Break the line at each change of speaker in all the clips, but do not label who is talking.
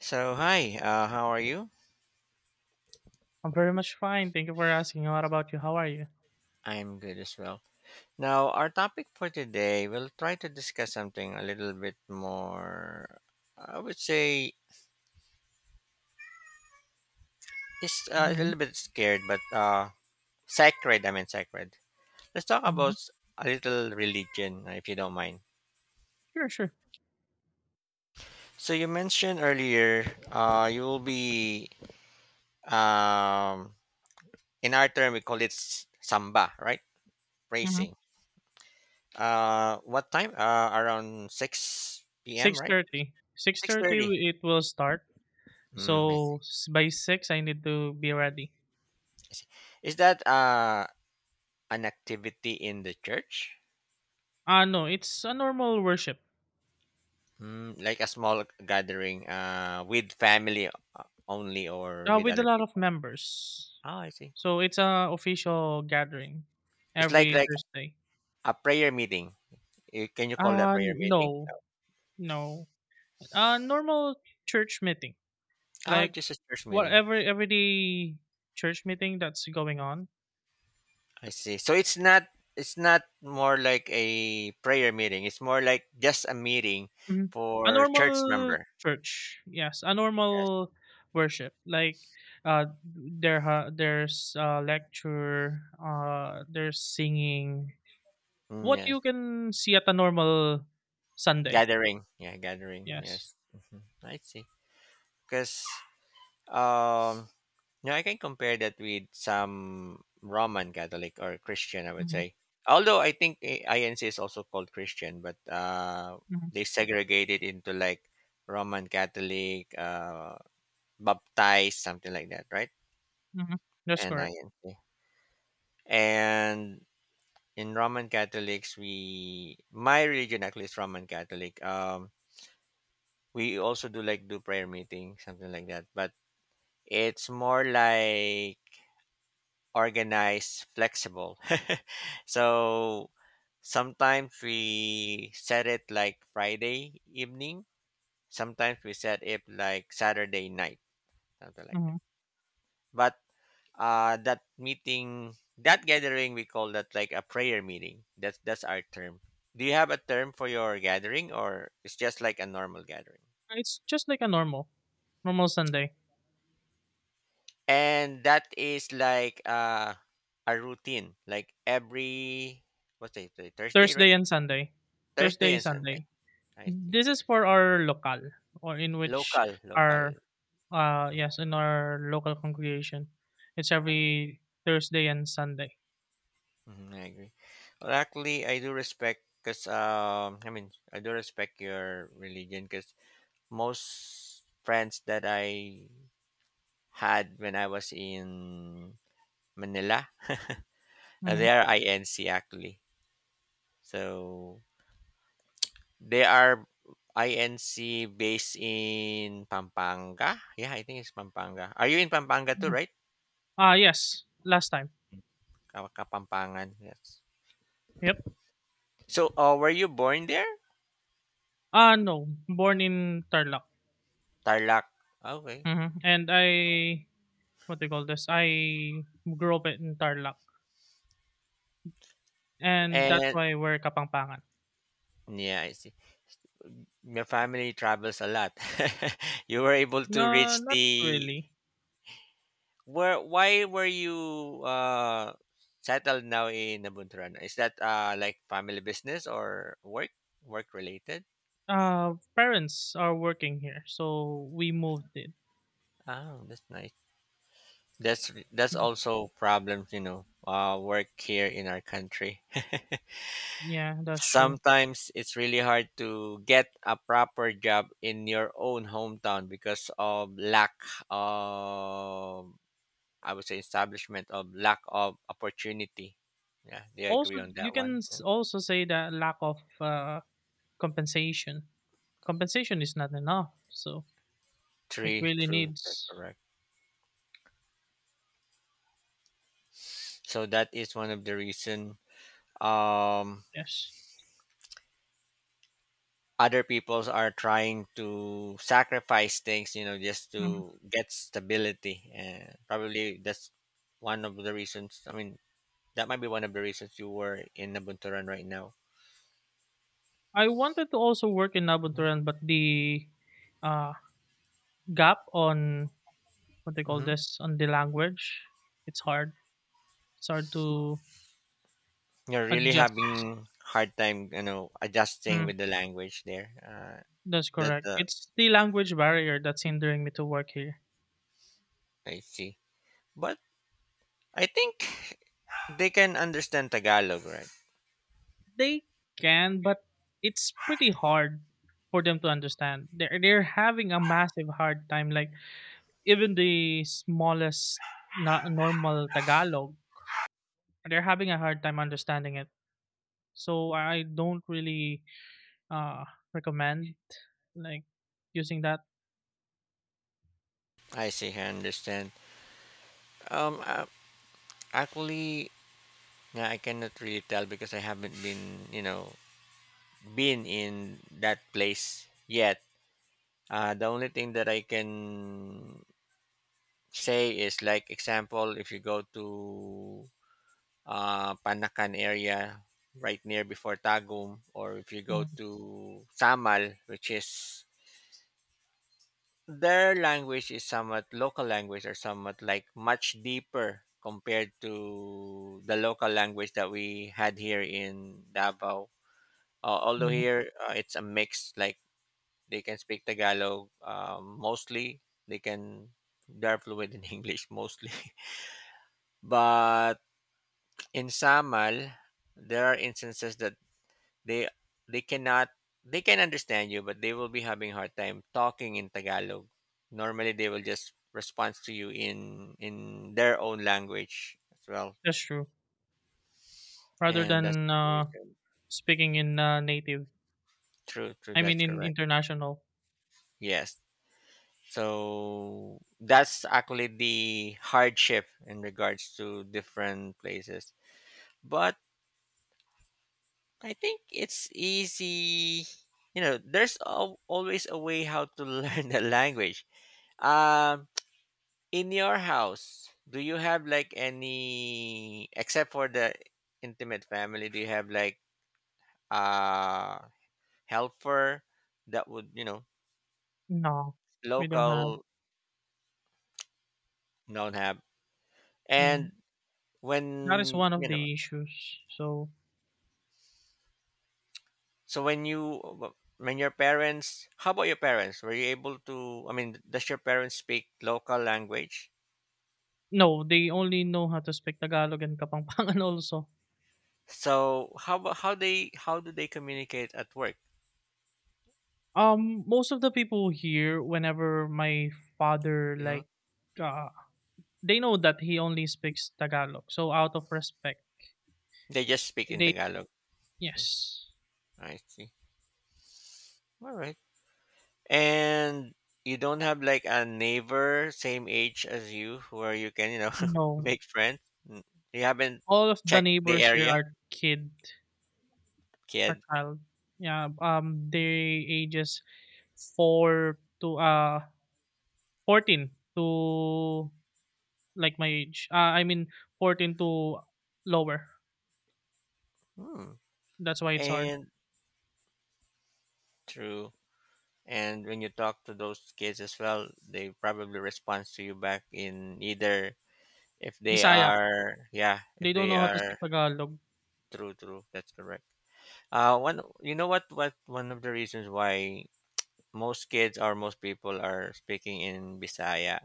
So, hi, how are you?
I'm very much fine. Thank you for asking. What about you? How are you?
I'm good as well. Now, our topic for today, we'll try to discuss something a little bit more, I would say, it's a
Hmm.
little bit scared, but sacred, I mean, sacred. Let's talk
Hmm.
about s- A little religion, if you don't mind.
Sure, sure.
So, you mentioned earlier, you will be, um, in our term, we call it samba, right?
Mm-hmm.
Racing. What time? Around 6 p.m.,
Six
right?
thirty. 6:30.
6:30.
It will start.
Mm, I
So
see.
by 6, I need to be ready.
I see. Is that an activity in the church?
Ah, no, it's a normal worship
Mm, like a small gathering with family only or with
with a
other
lot of
people?
members.
Oh, I see.
So it's a official gathering
It's like
every
like
Thursday.
a prayer meeting. Can you call that prayer meeting?
No, no. Normal church meeting,
Oh,
like
just a church meeting.
whatever everyday church meeting that's going on.
I see. So it's not more like a prayer meeting. It's more like just a meeting
Mhm. A
for church
normal
member.
church, yes, a
Yes.
normal worship. Like, uh, there's a lecture, there's singing.
Mm,
What
yes.
you can see at a normal Sunday,
Gathering. Yeah, gathering.
yes.
Yes. Mhm. I see. Because Um, yeah, I can compare that with some Roman Catholic or Christian, I would
Hmm.
say. Although I think INC is also called Christian, but
Hmm.
they segregate it into like Roman Catholic, baptized, something like that, right?
Hmm. That's
And
correct.
INC. And in Roman Catholics, we my religion actually is Roman Catholic. We also do prayer meeting, something like that, but it's more like organized, flexible. So sometimes we set it like Friday evening. Sometimes we set it like Saturday night, something like that.
Hmm.
But that meeting, that gathering, we call that like a prayer meeting. That's our term. Do you have a term for your gathering, or it's just like a normal gathering?
It's just like a normal Sunday,
And that is like a routine, like every what's it Thursday, right?
Thursday and Sunday,
Thursday
Thursday
and Sunday.
Sunday.
I see.
This is for our local, or in which
Local, local.
our
Mhm,
yes, in our local congregation. It's every Thursday and Sunday.
mhm, I agree. Well, actually, I do respect because I mean, I do respect your religion because most friends that I had when I was in Manila,
Mm-hmm.
they are INC actually. So they are INC based in Pampanga. Yeah, I think it's Pampanga. Are you in Pampanga too, right?
Mm-hmm. Yes, last time.
Kapampangan. Yes.
Yep.
So, were you born there?
No, born in Tarlac.
Tarlac. Okay.
Mm-hmm. And I, what do you call this? I grew up in Tarlac. And that's
And
why we're Kapampangan.
yeah, I see. Your family travels a lot. You were able to
No,
reach
not
the
really.
where why were you settled now in Nabunturan? Is that like family business or work related?
Parents are working here, so we moved it.
Oh, that's nice. That's also problems, you know. Work here in our country.
Yeah, that's true.
Sometimes it's really hard to get a proper job in your own hometown because of lack of I would say establishment of lack of opportunity. Yeah, they
Also,
agree on
you
that
can
one. Yeah.
also say that lack of compensation. Compensation is not enough, so it
Three,
really
true, that's
needs
correct. So that is one of the reason um,
yes.
other peoples are trying to sacrifice things, you know, just
Mhm.
to get stability. And probably that's one of the reasons. I mean, that might be one of the reasons you were in Nabunturan right now.
I wanted to also work in Abunturan, but the uh, gap on what they call
Mm-hmm.
this on the language, it's hard. It's hard to
You're really
adjust.
having hard time, you know, adjusting
Mm,
with the language there.
that's
That
correct.
the
It's the language barrier that's hindering me to work here.
I see. But I think they can understand Tagalog, right?
They can, but it's pretty hard for them to understand. They're having a massive hard time. Like even the smallest normal Tagalog, they're having a hard time understanding it. So I don't really uh, recommend like using that.
I see. I understand. Um, uh, Actually, yeah, I cannot really tell because I haven't been, you know, been in that place yet. The only thing that I can say is, like, example, if you go to Panakan area right near before Tagum, or if you go
Mhm.
to Samal, which is their language is somewhat local language or somewhat like much deeper compared to the local language that we had here in Davao. Although
Mhm.
here it's a mix, like they can speak Tagalog mostly. They can they're fluent in English mostly, but in Samal there are instances that they they cannot they can understand you, but they will be having hard time talking in tagalog. Normally they will just respond to you in their own language as well,
That's true. Rather
and that's
than
the reason.
speaking in native,
True, true,
I mean
that's
in
correct.
international.
Yes, so that's actually the hardship in regards to different places, but I think it's easy, you know, there's always a way how to learn the language. Um, in your house, do you have like any except for the intimate family, do you have like a helper that would, you know,
No, we don't have.
local don't have.
Mm.
And
That is
when,
one of
you know,
the issues. So
so when you when your parents, how about your parents? Were you able to I mean, does your parents speak local language?
no, they only know how to speak Tagalog and Kapampangan also.
So how about how they how do they communicate at work?
Most of the people here, whenever my father
Hmm.
uh, they know that he only speaks Tagalog. So out of respect,
They just speak in Tagalog. Mm-hmm.
yes,
I see. All right. And you don't have like a neighbor same age as you where you can, you know,
you know,
make friends. Mm. You haven't
all of the
checked the
neighbors here
area
are
kid.
child. Yeah, they ages 4 to 14 to like my age. I mean 14 to lower.
Hmm.
That's why it's hard.
And true, and when you talk to those kids as well, they probably respond to you back in either if they
Bisaya,
are, yeah, if
they don't
they
know how to
are.
speak Tagalog.
True, true, that's correct. One, you know, what one of the reasons why most kids or most people are speaking in bisaya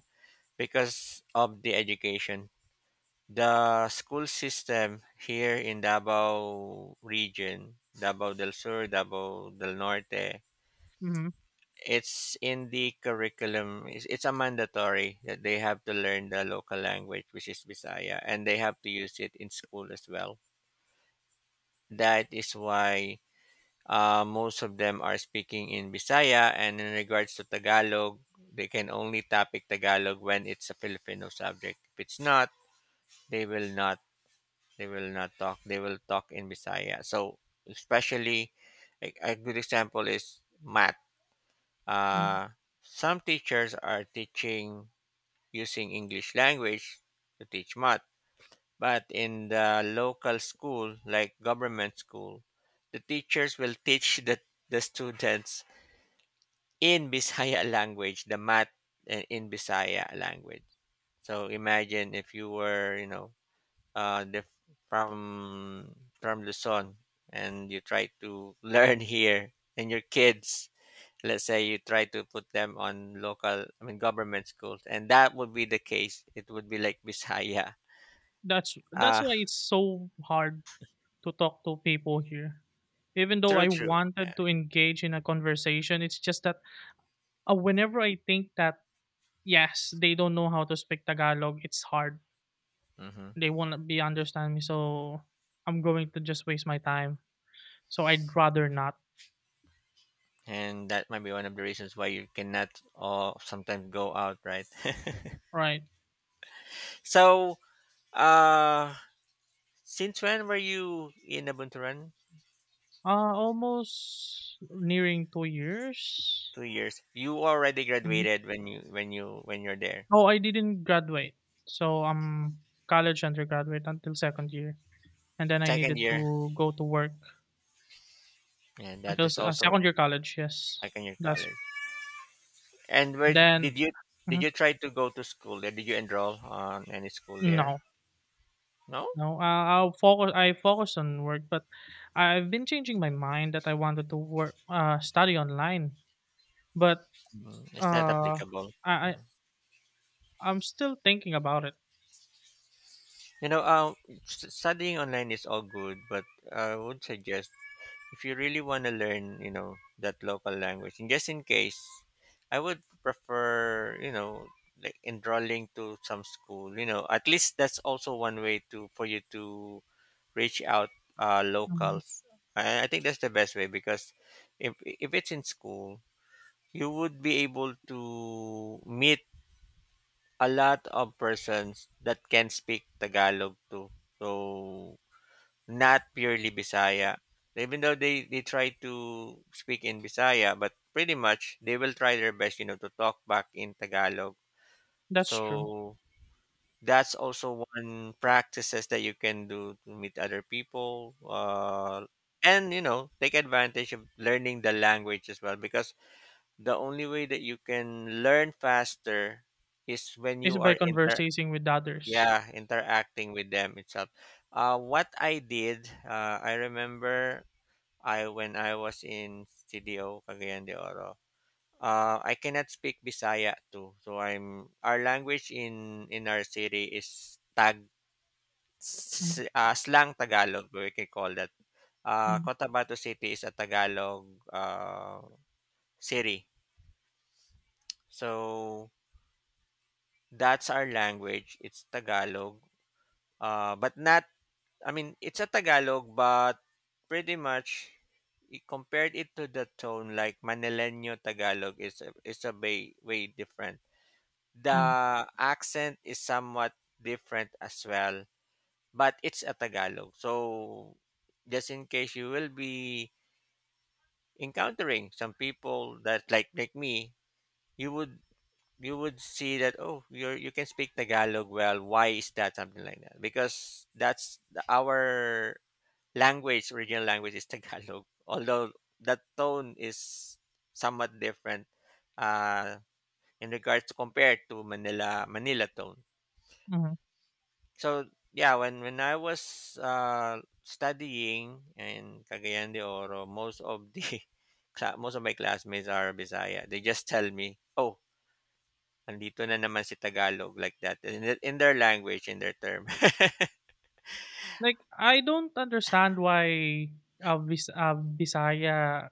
because of the education. The school system here in Davao region, Davao del Sur, Davao del Norte,
Mm-hmm.
it's in the curriculum. It's a mandatory that they have to learn the local language, which is Bisaya, and they have to use it in school as well. That is why most of them are speaking in Bisaya, and in regards to Tagalog, they can only topic Tagalog when it's a Filipino subject. If it's not, they will not they will not talk. They will talk in Bisaya. So especially a good example is math. Uh, some teachers are teaching using English language to teach math, but in the local school, like government school, the teachers will teach the students in Bisaya language the math in Bisaya language. So imagine if you were, you know, uh, the, from Luzon and you try to learn here and your kids, let's say you try to put them on local, I mean government schools, and that would be the case, it would be like Bisaya.
That's
Uh
why it's so hard to talk to people here. Even though
true,
I
true.
wanted to engage in a conversation, it's just that whenever I think that yes, they don't know how to speak Tagalog, it's hard.
Hmm.
They won't be understand me, so I'm going to just waste my time. So I'd rather not.
And that might be one of the reasons why you cannot or sometimes go out, right?
Right.
So uh since when were you in Abunturan?
Almost nearing 2 years.
2 years you already
Mhm.
graduated when you when you're there
Oh, I didn't graduate. So I'm college undergraduate until second year, and then I
second
needed
year,
to go to work.
and that
Until
is
s
also
second year college, yes.
like in your
That's
college. And where did
then.
you
Mhm.
try to go to school there? Did you enroll on any school there?
No,
No.
no, I I'll focus I focus on work, but I've been changing my mind that I wanted to work study online, but,
Mm, it's not
uh,
applicable.
I I
Yeah.
I'm still thinking about it.
You know, studying online is all good, but I would suggest if you really want to learn, you know, that local language, and just in case, I would prefer, you know, like enrolling to some school. You know, at least that's also one way to for you to reach out
Mhm.
locals. And I think that's the best way because if it's in school, you would be able to meet a lot of persons that can speak Tagalog too. So not purely Bisaya. Even though they try to speak in Bisaya, but pretty much they will try their best, you know, to talk back in Tagalog.
That's true.
So that's also one practices that you can do to meet other people, and you know take advantage of learning the language as well. Because the only way that you can learn faster is when
It's
you
by
are inter
conversating with others.
yeah interacting with them itself. I remember I when I was in Studio Cagayan de Oro. I cannot speak Bisaya too, so I'm our language in our city is
Mhm,
slang Tagalog, we can call that.
mhm,
Cotabato City is a Tagalog city. So that's our language. It's Tagalog, but not. I mean, it's a Tagalog, but pretty much compared it to the tone like Manileño Tagalog is a way different.
mhm,
The accent is somewhat different as well, but it's a Tagalog. So just in case you will be encountering some people that like me, you would see that, oh, you're you can speak tagalog well, why is that, something like that, because that's our language, original language is tagalog, although that tone is somewhat different uh in regards to compared to manila tone.
mhm.
So yeah, when I was studying in Cagayan de Oro, most of the most of my classmates are Bisaya. They just tell me, "Oh, andito na naman si Tagalog," like that in, in their language, in their term.
Like, I don't understand why, Visaya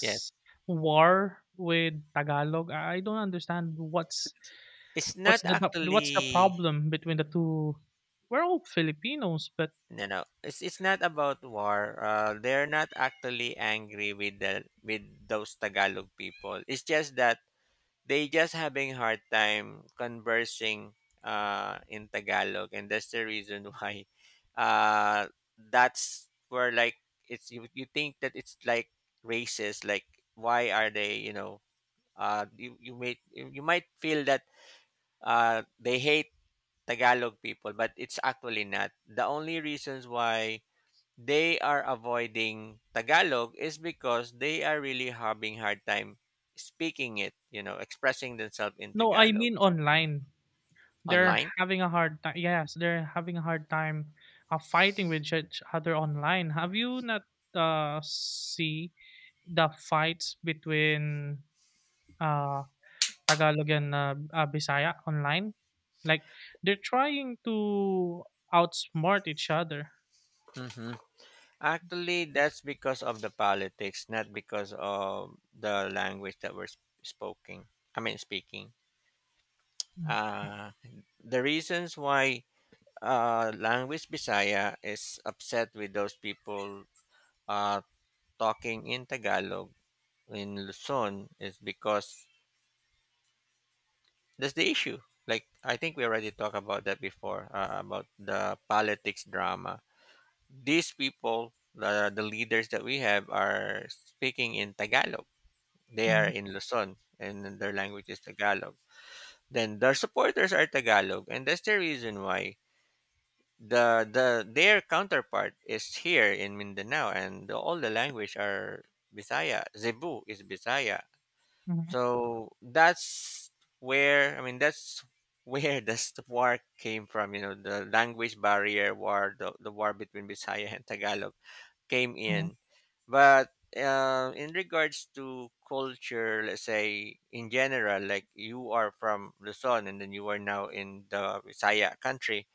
Yes,
war with Tagalog. I don't understand
it's not
what's the what's the
actually.
problem between the two. We're all Filipinos, but
No, no. It's not about war. They're not actually angry with the with those Tagalog people. It's just that they just having hard time conversing in Tagalog, and that's the reason why uh, that's where like it's you think that it's like racist, like why are they you you may you you might feel that they hate Tagalog people, but it's actually not. The only reasons why they are avoiding Tagalog is because they are really having hard time speaking it, expressing themselves in
no, I
Tagalog
mean online. They're
online.
having a hard time. Yes, they're having a hard time fighting with each other online. Have you not see the fights between uh, Tagalog and Bisaya online? Like they're trying to outsmart each other.
hmm Actually, that's because of the politics, not because of the language that we're spoken. I mean, speaking. Uh, the reasons why language Bisaya is upset with those people uh, talking in Tagalog in Luzon is because that's the issue. Like I think we already talked about that before about the politics drama. These people, the leaders that we have, are speaking in Tagalog. They are
Mm.
in Luzon, and their language is Tagalog. Then their supporters are Tagalog, and that's the reason why the their counterpart is here in Mindanao, and all the language are Bisaya. Zebu is Bisaya,
Mhm,
so that's where, I mean, that's where the war came from. The language barrier war, the war between Bisaya and Tagalog came
mhm,
in. But in regards to culture, let's say in general, like you are from Luzon and then you are now in the Bisaya country.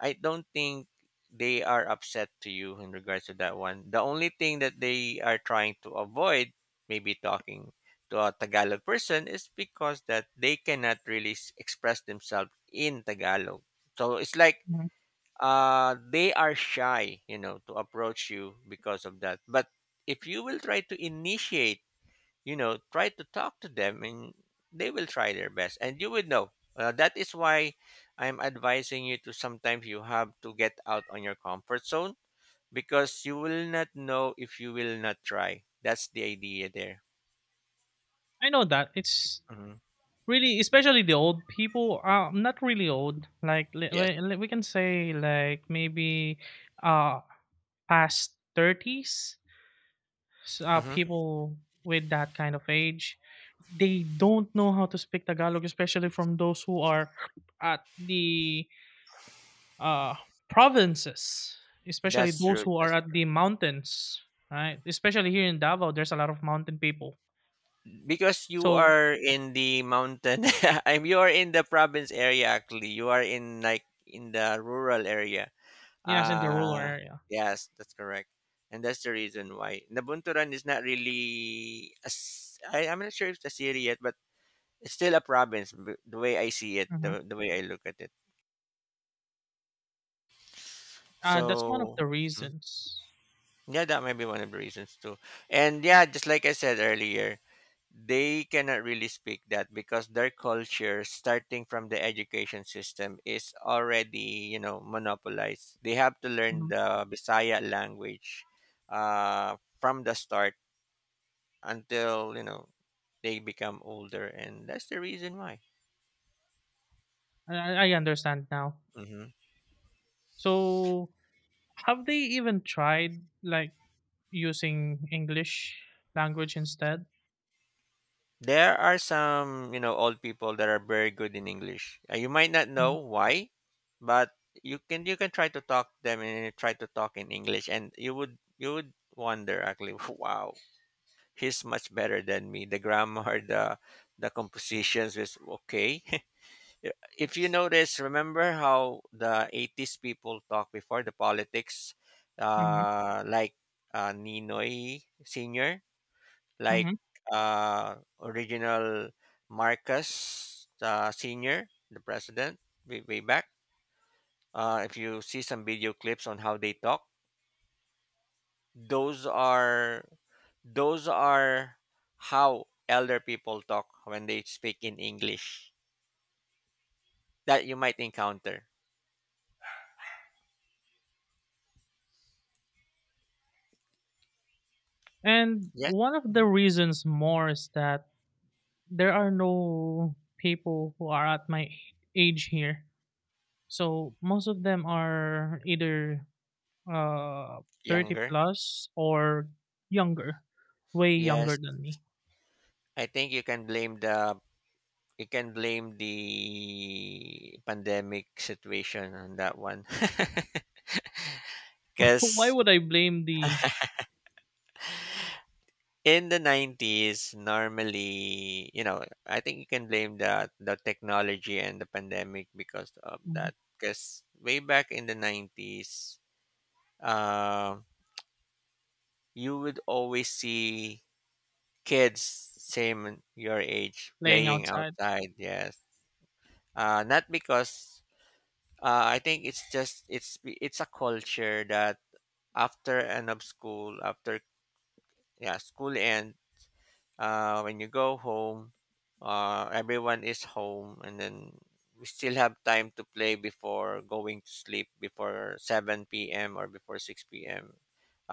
I don't think they are upset to you in regards to that one. The only thing that they are trying to avoid, maybe talking to a Tagalog person, is because that they cannot really express themselves in Tagalog. So it's like
mhm.
they are shy, to approach you because of that. But if you will try to initiate, try to talk to them and they will try their best and you will know. That is why I'm advising you to sometimes you have to get out on your comfort zone because you will not know if you will not try. That's the idea there.
I know that it's
Hmm.
really, especially the old people. Not really old. Like
Yes.
we we can say like maybe uh past thirties.
Hmm.
People with that kind of age, they don't know how to speak Tagalog, especially from those who are at the uh provinces, especially
That's
those
true.
who are
That's
at
true.
the mountains. Right, especially here in Davao, there's a lot of mountain people.
Because you
So
are in the mountain. I'm You are in the province area actually. You are in like in the rural area.
yes, in the rural
Uh,
area.
yes, that's correct. And that's the reason why Nabunturan is not really I am not sure if it's a city yet, but it's still a province the way I see it, the way I look at it.
That's one of
So.
the
Mhm.
reasons.
Yeah, that might be one of the reasons too. And yeah, just like I said earlier, they cannot really speak that because their culture starting from the education system is already monopolized, they have to learn
Mhm.
the Bisaya language from the start until they become older, and that's the reason why.
I understand now.
hmm
So, have they even tried like using English language instead?
there are some, you know, old people that are very good in English. You might not know
Mhm,
why, but you can try to talk them and try to talk in English, and you would wonder, actually. Wow, he's much better than me. The grammar, the compositions is okay. If you notice, remember how the 80s people talk before the politics,
mhm,
like Ninoy Senior, like
mhm.
original Marcus Senior, the president, way, way back. If you see some video clips on how they talk, those are those are how elder people talk when they speak in English that you might encounter.
And
Yes.
one of
Hmm.
the reasons more is that there are no people who are at my age here. So most of them are either uh 30
Younger.
plus or younger, way younger
Yes.
than me.
I think you can blame the pandemic situation on that one.
Why
Cuz
would I blame the
in the 90s, normally, I think you can blame the technology and the pandemic because of that, cuz way back in the 90s um you would always see kids same your age
playing
playing
outside.
outside. Yes. Not because I think it's just it's a culture that after end of school, after, yeah, school end, when you go home, everyone is home, and then we still have time to play before going to sleep, before 7 p.m. or before 6 p.m.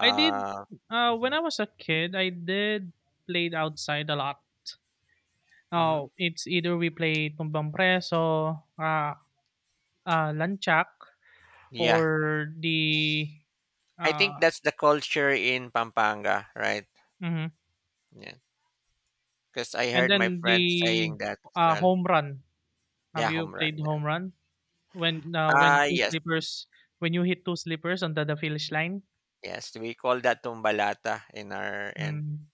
I did When
mhm.
I was a kid, I did played outside a lot.
Mhm.
Oh, it's either we play tumbang preso, lanchak, or
Yeah,
the
I
uh
think that's the culture in Pampanga, right?
mhm.
Yeah. Because I
and
heard my
then
friends
the
saying that as well.
home run. Have
Yeah,
you
home
played
run. Yeah.
home run? When
Ah,
two
yes,
sleepers when you hit two sleepers on the finish line?
yes. We call that tumbalata in our end
Mm.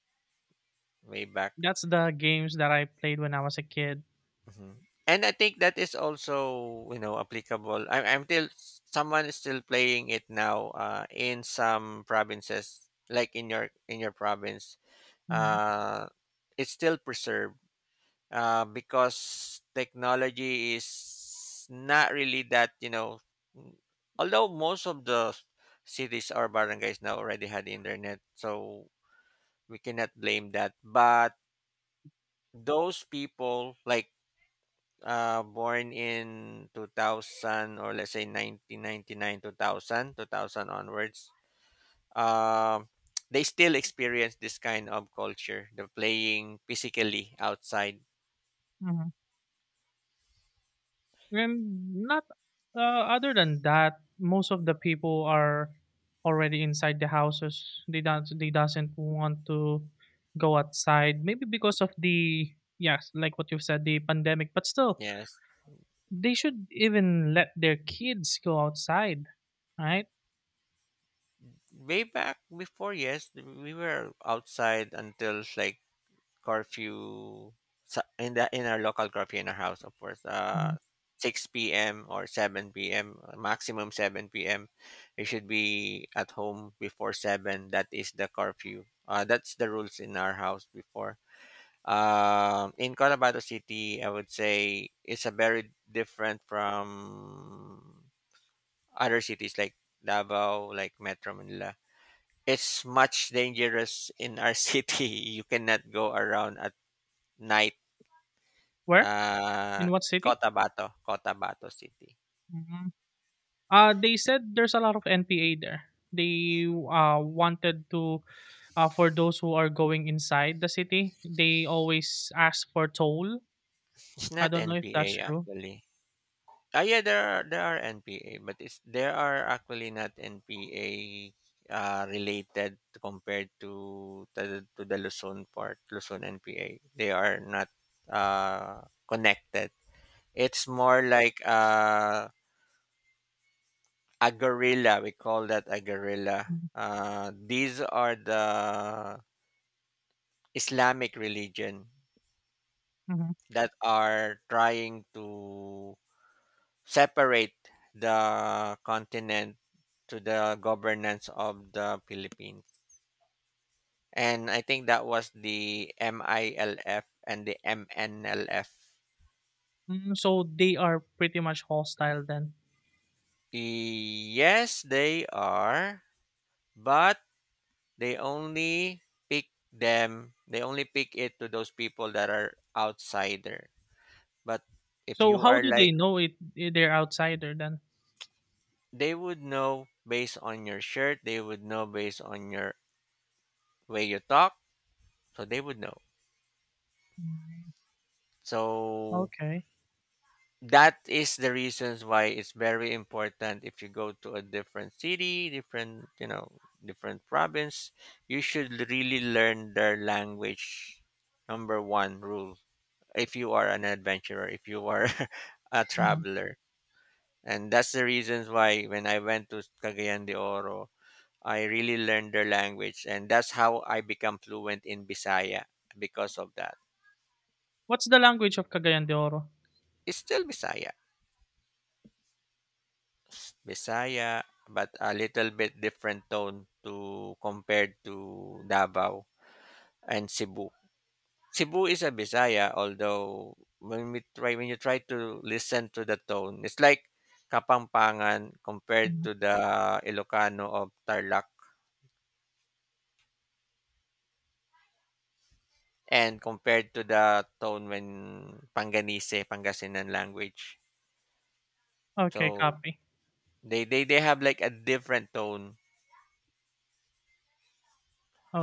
way back.
That's the games that I played when I was a kid.
Mhm. And I think that is also, applicable. Someone is still playing it now in some provinces, like in your province.
Hmm.
Uh, it's still preserved. Because technology is not really that, n- although most of the cities or barangays now already had internet, so we cannot blame that, but those people like born in 2000, or let's say 1999, 2000, 2000 onwards, um they still experience this kind of culture, the playing physically outside.
And not other than that, most of the people are already inside the houses. They don't, they doesn't want to go outside. Maybe because of the yes, like what you said, the pandemic. But still,
Yes,
they should even let their kids go outside, right?
way back before, yes, we were outside until like curfew, in our local curfew in our house, of course.
Mhm.
6 p.m. or 7 p.m., maximum 7 p.m. We should be at home before 7. That is the curfew. That's the rules in our house before. In Cotabato City, I would say it's a very different from other cities like Davao, like Metro Manila. It's much dangerous in our city. You cannot go around at night.
Where?
Uh,
In what city?
Cotabato, Cotabato City.
Mhm. They said there's a lot of NPA there. They wanted to, for those who are going inside the city, they always ask for toll.
It's
I
not
don't know if
NPA,
that's true.
actually. Ah, yeah, there are NPA, but it's there are actually not NPA related, compared to the Luzon part, Luzon NPA. They are not connected. It's more like a gorilla. We call that a gorilla.
Mhm,
These are the Islamic religion
mhm.
that are trying to separate the continent to the governance of the Philippines. And I think that was the MILF and the MNLF.
Mm, so they are pretty much hostile then.
Yes, they are, but they only pick them, they only pick it to those people that are outsider. But if
So
you are
how do
like,
they know it? They're outsider then.
they would know based on your shirt, they would know based on your way you talk, so they would know.
Mm,
So
okay.
that is the reasons why it's very important if you go to a different city, different, different province, you should really learn their language. Number one rule, if you are an adventurer, if you are a
Mhm.
traveler. And that's the reasons why when I went to Cagayan de Oro, I really learned their language. And that's how I become fluent in Bisaya because of that.
What's the language of Cagayan de Oro?
It's still Bisaya. Bisaya, but a little bit different tone to compared to Davao and Cebu. Cebu is a Bisaya, although when you try to listen to the tone, it's like Kapampangan compared
Mhm.
to the Ilocano of Tarlac and compared to the tone when Panganese, Pangasinan language.
Okay,
So
copy.
they have like a different tone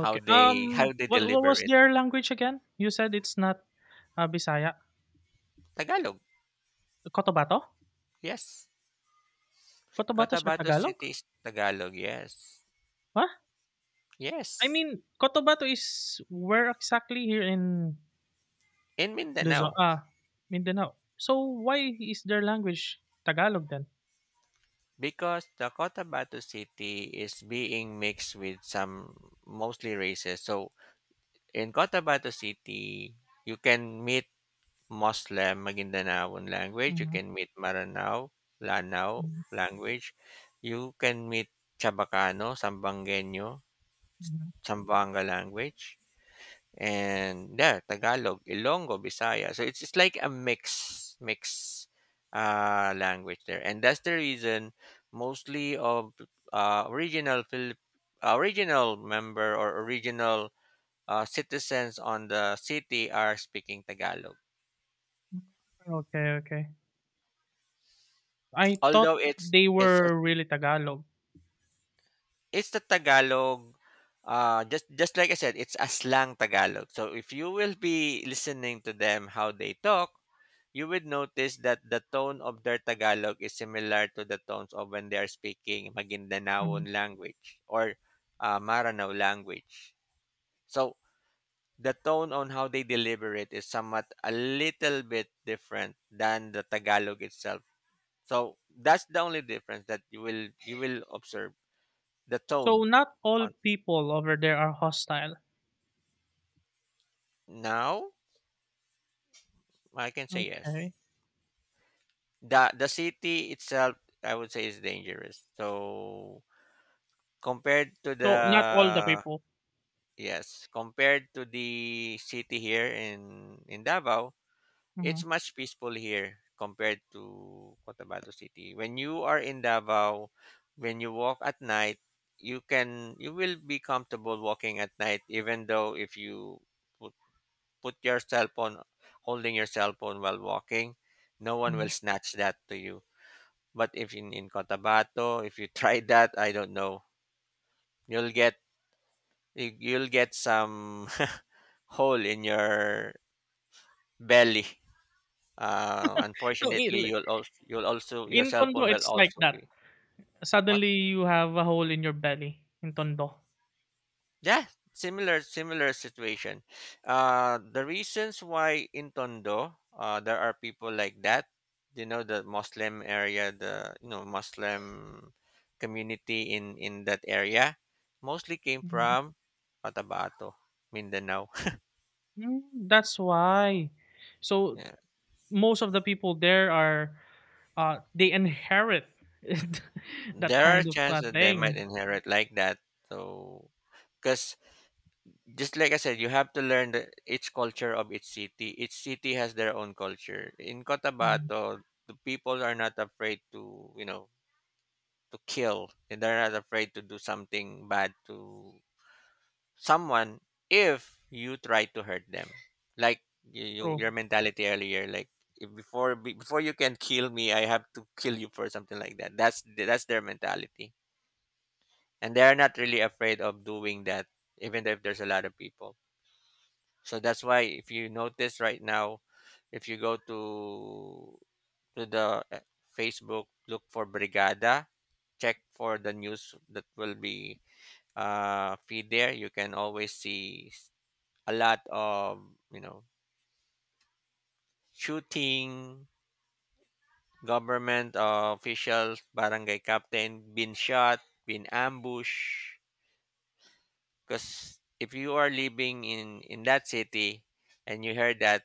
how they how
Um,
they
what what
deliver
was
it.
their language again? You said it's not Bisaya.
Tagalog,
Cotabato?
yes.
Cotabato or
Cotabato
Tagalog?
City is Tagalog, yes.
Huh? I
Yes.
mean, Cotabato is where exactly here in
In
Luzon,
Mindanao.
ah, Mindanao. So why is their language Tagalog then?
Because the Cotabato City is being mixed with some, mostly races. So in Cotabato City, you can meet Muslim Maguindanaoan language, you
Mhm,
can meet Maranao, Lanao
mhm,
language, you can meet Chabacano, Sambangueño,
mhm.
Sambanga language, and yeah, Tagalog, Ilongo, Bisaya. So it's like a mix language there, and that's the reason mostly of original Philip original member or original citizens on the city are speaking Tagalog.
Okay, okay. I thought
Although
they
it's a,
were really Tagalog.
it's the Tagalog. Just like I said, it's a slang Tagalog. So if you will be listening to them how they talk, you would notice that the tone of their Tagalog is similar to the tones of when they are speaking
Mhm.
Maguindanaoan language or Maranao language. So the tone on how they deliver it is somewhat a little bit different than the Tagalog itself. So that's the only difference that you will observe, the tone
So not all
on,
people over there are hostile.
now I can say yes.
Okay.
The city itself, I would say, is dangerous. So, compared to
So not all the
the,
people.
yes, compared to the city here in Davao,
Mhm,
it's much peaceful here compared to Cotabato City. When you are in Davao, when you walk at night, you will be comfortable walking at night, even though if you put, put your cell phone, holding your cell phone while walking, no one will
mhm.
snatch that to you. But if in Cotabato, if you try that, I don't know, you'll get you'll get some hole in your belly.
So
Unfortunately, you'll also your
in
cell
Tondo,
phone will
it's like
also
that.
be, what?
Suddenly you have a hole in your belly in Tondo.
Yeah, similar situation. The reasons why in Tondo, there are people like that. The Muslim area, the Muslim community in that area, mostly came
Mhm.
from Cotabato, Mindanao.
Mm, that's why. So
Yeah,
most of the people there are they inherit that
there are
kind of
chances that they might
thing.
inherit like that. So, because just like I said, you have to learn each culture of each city. Each city has their own culture. In
Mhm,
Cotabato, the people are not afraid to, to kill. And they're not afraid to do something bad to someone if you try to hurt them. Like you
true.
your mentality earlier, like if before you can kill me, I have to kill you for something like that. That's their mentality, and they're not really afraid of doing that, even if there's a lot of people. So that's why if you notice right now, if you go to the Facebook, look for Brigada, check for the news that will be feed there. You can always see a lot of you know shooting, government officials, barangay captain been shot, been ambushed. Because if you are living in that city and you heard that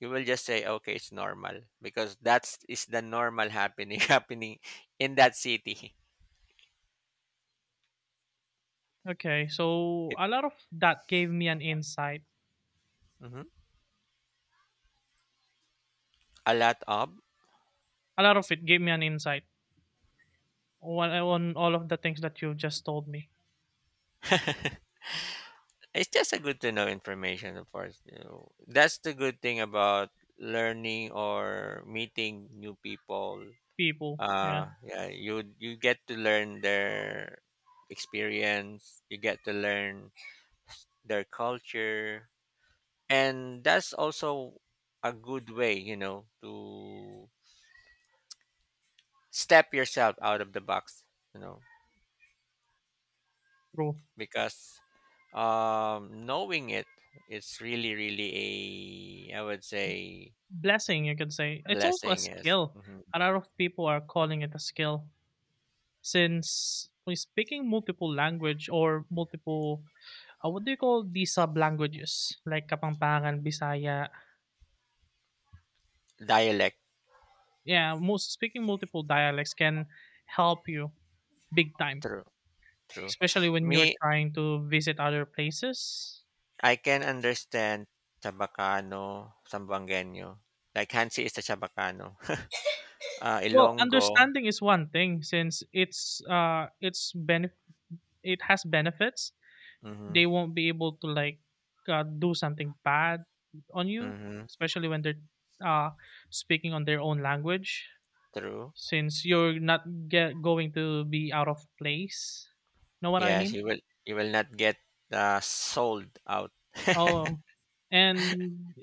you will just say okay, it's normal because that's is the normal happening happening in that city
Okay, so
it,
a lot of that gave me an insight.
mhm, a lot of.
A lot of it gave me an insight on all of the things that you just told me.
It's just a good to know information, of course, That's the good thing about learning or meeting new people.
People, yeah,
Yeah, you get to learn their experience, you get to learn their culture, and that's also a good way, you know, to step yourself out of the box, you know
true.
because knowing it, it's really a, I would say,
Blessing, you could say. It's also a
blessing is
skill.
mhm.
A lot of people are calling it a skill since we speaking multiple language or multiple, what do you call these sub languages like Kapampangan, Bisaya,
Dialect,
yeah, most speaking multiple dialects can help you big time,
true, true.
especially when you're
Me,
trying to visit other places.
I can understand Chabacano, Sambangueño, like Hansi is a Chabacano,
Well,
Ilonggo.
understanding is one thing since it has benefits.
Mm-hmm,
They won't be able to like do something bad on you,
mm-hmm,
especially when they're uh speaking on their own language
true.
since you're not get going to be out of place. Know what I
Yes,
mean?
you will, you will not get sold out.
Oh, and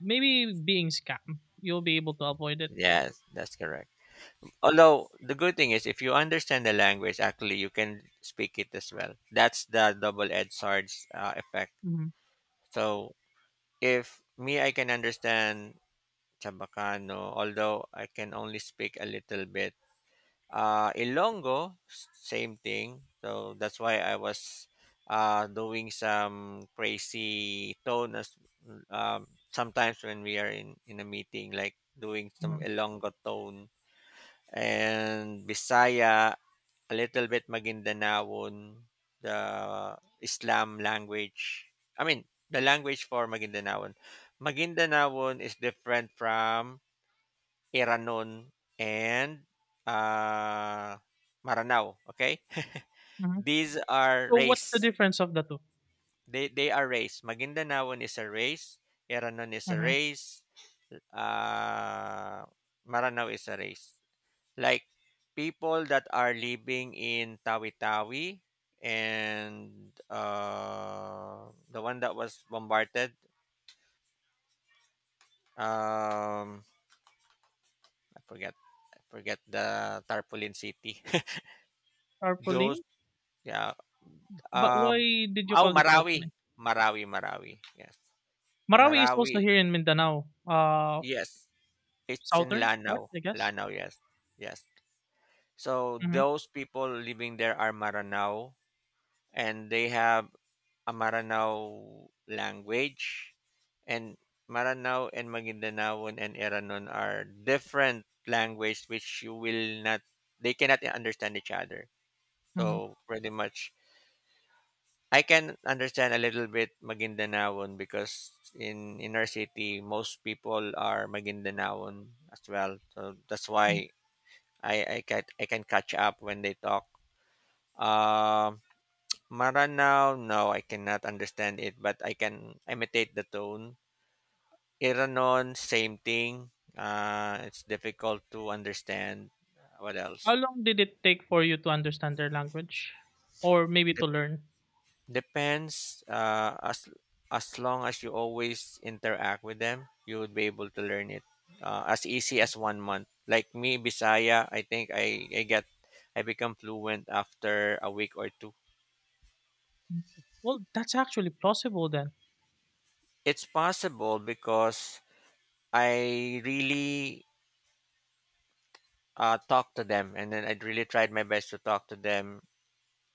maybe being scammed, you'll be able to avoid it.
Yes, that's correct. Although the good thing is, if you understand the language, actually you can speak it as well. That's the double-edged sword effect.
Mhm,
So if me, I can understand Chabacano, although I can only speak a little bit. Ilongo, same thing. So that's why I was doing some crazy tone as, sometimes when we are in a meeting, like doing some
mhm,
Ilongo tone and Bisaya. A little bit Maguindanaoan, the Islam language. I mean, the language for Maguindanaoan. Maguindanaoan is different from Iranon and uh, Maranao. Okay.
mhm.
These are
So what's the
race.
difference of the 2?
They are race. Maguindanaoan is a race. Iranon is a
Mhm,
race. Uh, Maranao is a race. Like people that are living in Tawi-Tawi and the one that was bombarded, um I forget, I forget the tarpaulin city. Those,
tarpaulin?
yeah,
But why
um,
did you
oh,
call it
Marawi.
tarpaulin?
Marawi yes.
Marawi is also
Marawi,
here in Mindanao,
yes, it's in
southern part,
Lanao.
I guess?
Lanao, yes, yes. So
Mhm,
those people living there are Maranao, and they have a Maranao language, and Maranao and Magindanaon and Eranon are different language, which you will not, they cannot understand each other.
mhm,
So pretty much I can understand a little bit Magindanaon because in our city most people are Magindanaon as well. So that's why
mhm.
I can catch up when they talk. Um Maranao, no, I cannot understand it, but I can imitate the tone. Iranon, same thing. It's difficult to understand. What
How
else?
long did it take for you to understand their language or maybe to
Dep
learn?
Depends. As long as you always interact with them, you would be able to learn it, as easy as 1 month. Like me, Bisaya, I think I become fluent after a week or two.
Well, that's actually plausible then.
It's possible because I really, talk to them, and then I really tried my best to talk to them.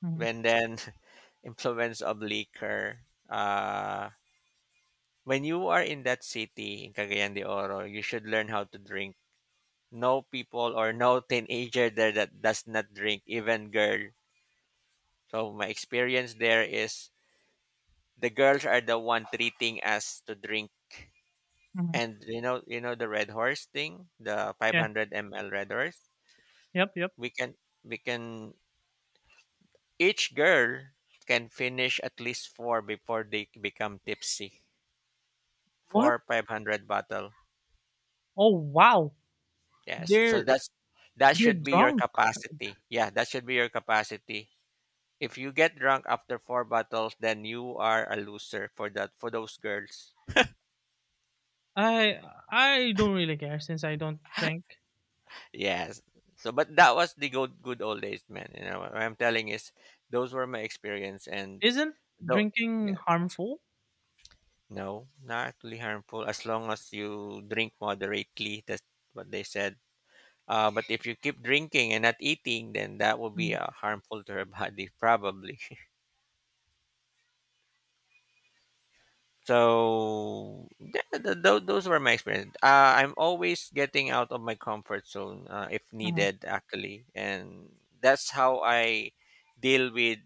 Mhm,
When then influence of liquor. Uh, when you are in that city in Cagayan de Oro, you should learn how to drink. No people or no teenager there that does not drink, even girl. So my experience there is the girls are the one treating us to drink.
mhm.
And you know the Red Horse thing, the
Yeah,
500 ml Red Horse.
yep, yep.
We can we can each girl can finish at least four before they become tipsy.
What?
Four 500 bottle.
Oh, wow!
Yes. So
They're
that's, that
they're
should be your
drunk.
capacity. Yeah, that should be your capacity. If you get drunk after four bottles, then you are a loser for that for those girls.
I I don't really care since I don't drink.
Yes. So, but that was the good old days, man. You know what I'm telling is those were my experience, and
Isn't
though
drinking
yeah,
harmful?
no, not really harmful as long as you drink moderately. That's what they said. But if you keep drinking and not eating, then that will be
Mm,
harmful to your body, probably. So those were my experience. I'm always getting out of my comfort zone if
mhm,
needed, actually, and that's how I deal with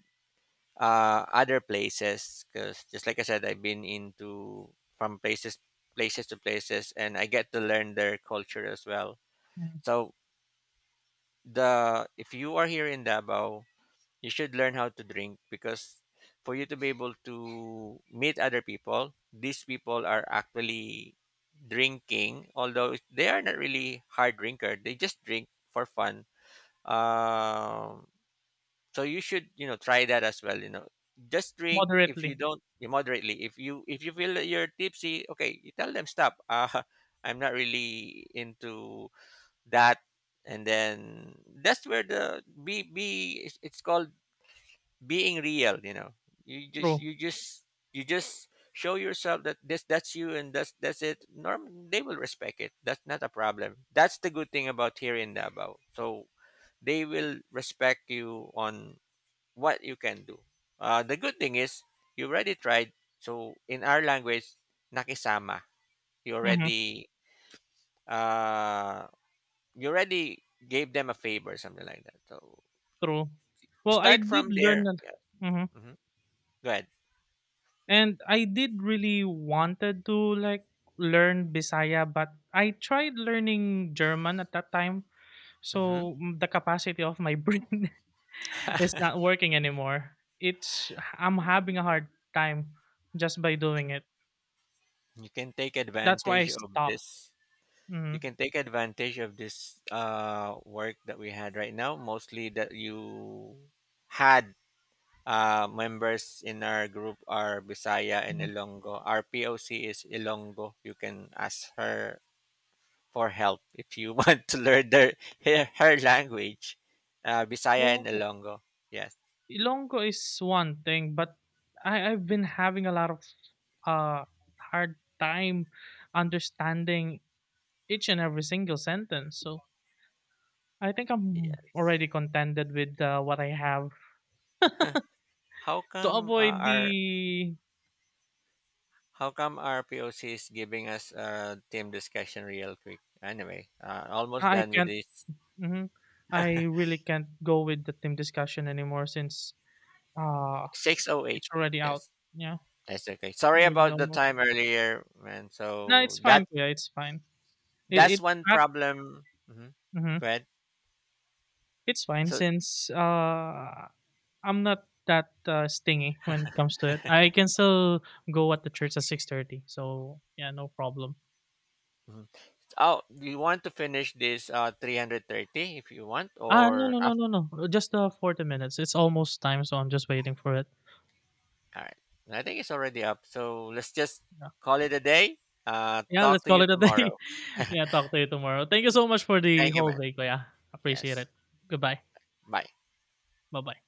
other places. Because just like I said, I've been into from places, places to places, and I get to learn their culture as well.
mhm.
So the if you are here in Davao, you should learn how to drink because for you to be able to meet other people, these people are actually drinking, although they are not really hard drinker. They just drink for fun. Um, so you should, you know, try that as well. You know, just drink if you
Moderately.
don't moderately. If you feel that you're tipsy, okay, you tell them stop. I'm not really into that, and then that's where the be it's called being real, you know. you just
True.
you just you just show yourself that this, that's you, and that's it, norm, they will respect it, that's not a problem. That's the good thing about here in Davao. So they will respect you on what you can do. Uh, the good thing is you already tried. So in our language, nakisama, you
Hmm.
already, uh, you already gave them a favor, something like that. So
True. Well, I
start
did
from
learn
there,
that,
yeah.
hmm
Hmm. Go ahead.
and I did really wanted to like learn Bisaya, but I tried learning German at that time,
Mhm.
so mm, the capacity of my brain is not working anymore. It's I'm having a hard time just by doing it.
you can take
That's why I
advantage of
stopped.
this you
Mhm.
can take advantage of this, work that we had right now, mostly that you had, members in our group are Bisaya and
Mhm.
Ilongo. Our POC is Ilongo. You can ask her for help if you want to learn their, her language. Bisaya and
Well,
Ilongo. Yes.
Ilonggo is one thing, but I've been having a lot of uh hard time understanding each and every single sentence. So I think I'm
Yes.
already contented with what I have
How
to
come
avoid
our
the.
how come our POC is giving us a team discussion real quick? Anyway, almost
I
done with
can't.
this.
Mhm, I really can't go with the team discussion anymore since uh
6:08.
it's already out.
Yes,
Yeah,
that's okay. Sorry
really
about the
almost.
time earlier, man.
No,
So
it's
that,
fine. Yeah, it's fine. It
that's
it.
one
Uh,
problem. Mm-hmm.
mhm
Go ahead.
it's fine
So,
since I'm not that stingy when it comes to it. I can still go at the church at 6:30, so yeah, no problem.
mhm. Oh, do you want to finish this 3:30 if you want
Ah, no,
or
no, no,
up?
no, no. Just 40 minutes. It's almost time, so I'm just waiting for it.
All right. I think it's already up. So let's just
Yeah,
call it a day.
yeah.
Talk
Let's
to
call
you
it a day.
tomorrow.
Yeah, talk to you tomorrow. Thank you so much for the
Thank you,
whole
man.
day, Kuya. Appreciate
Yes.
it. Goodbye.
Bye.
Bye bye.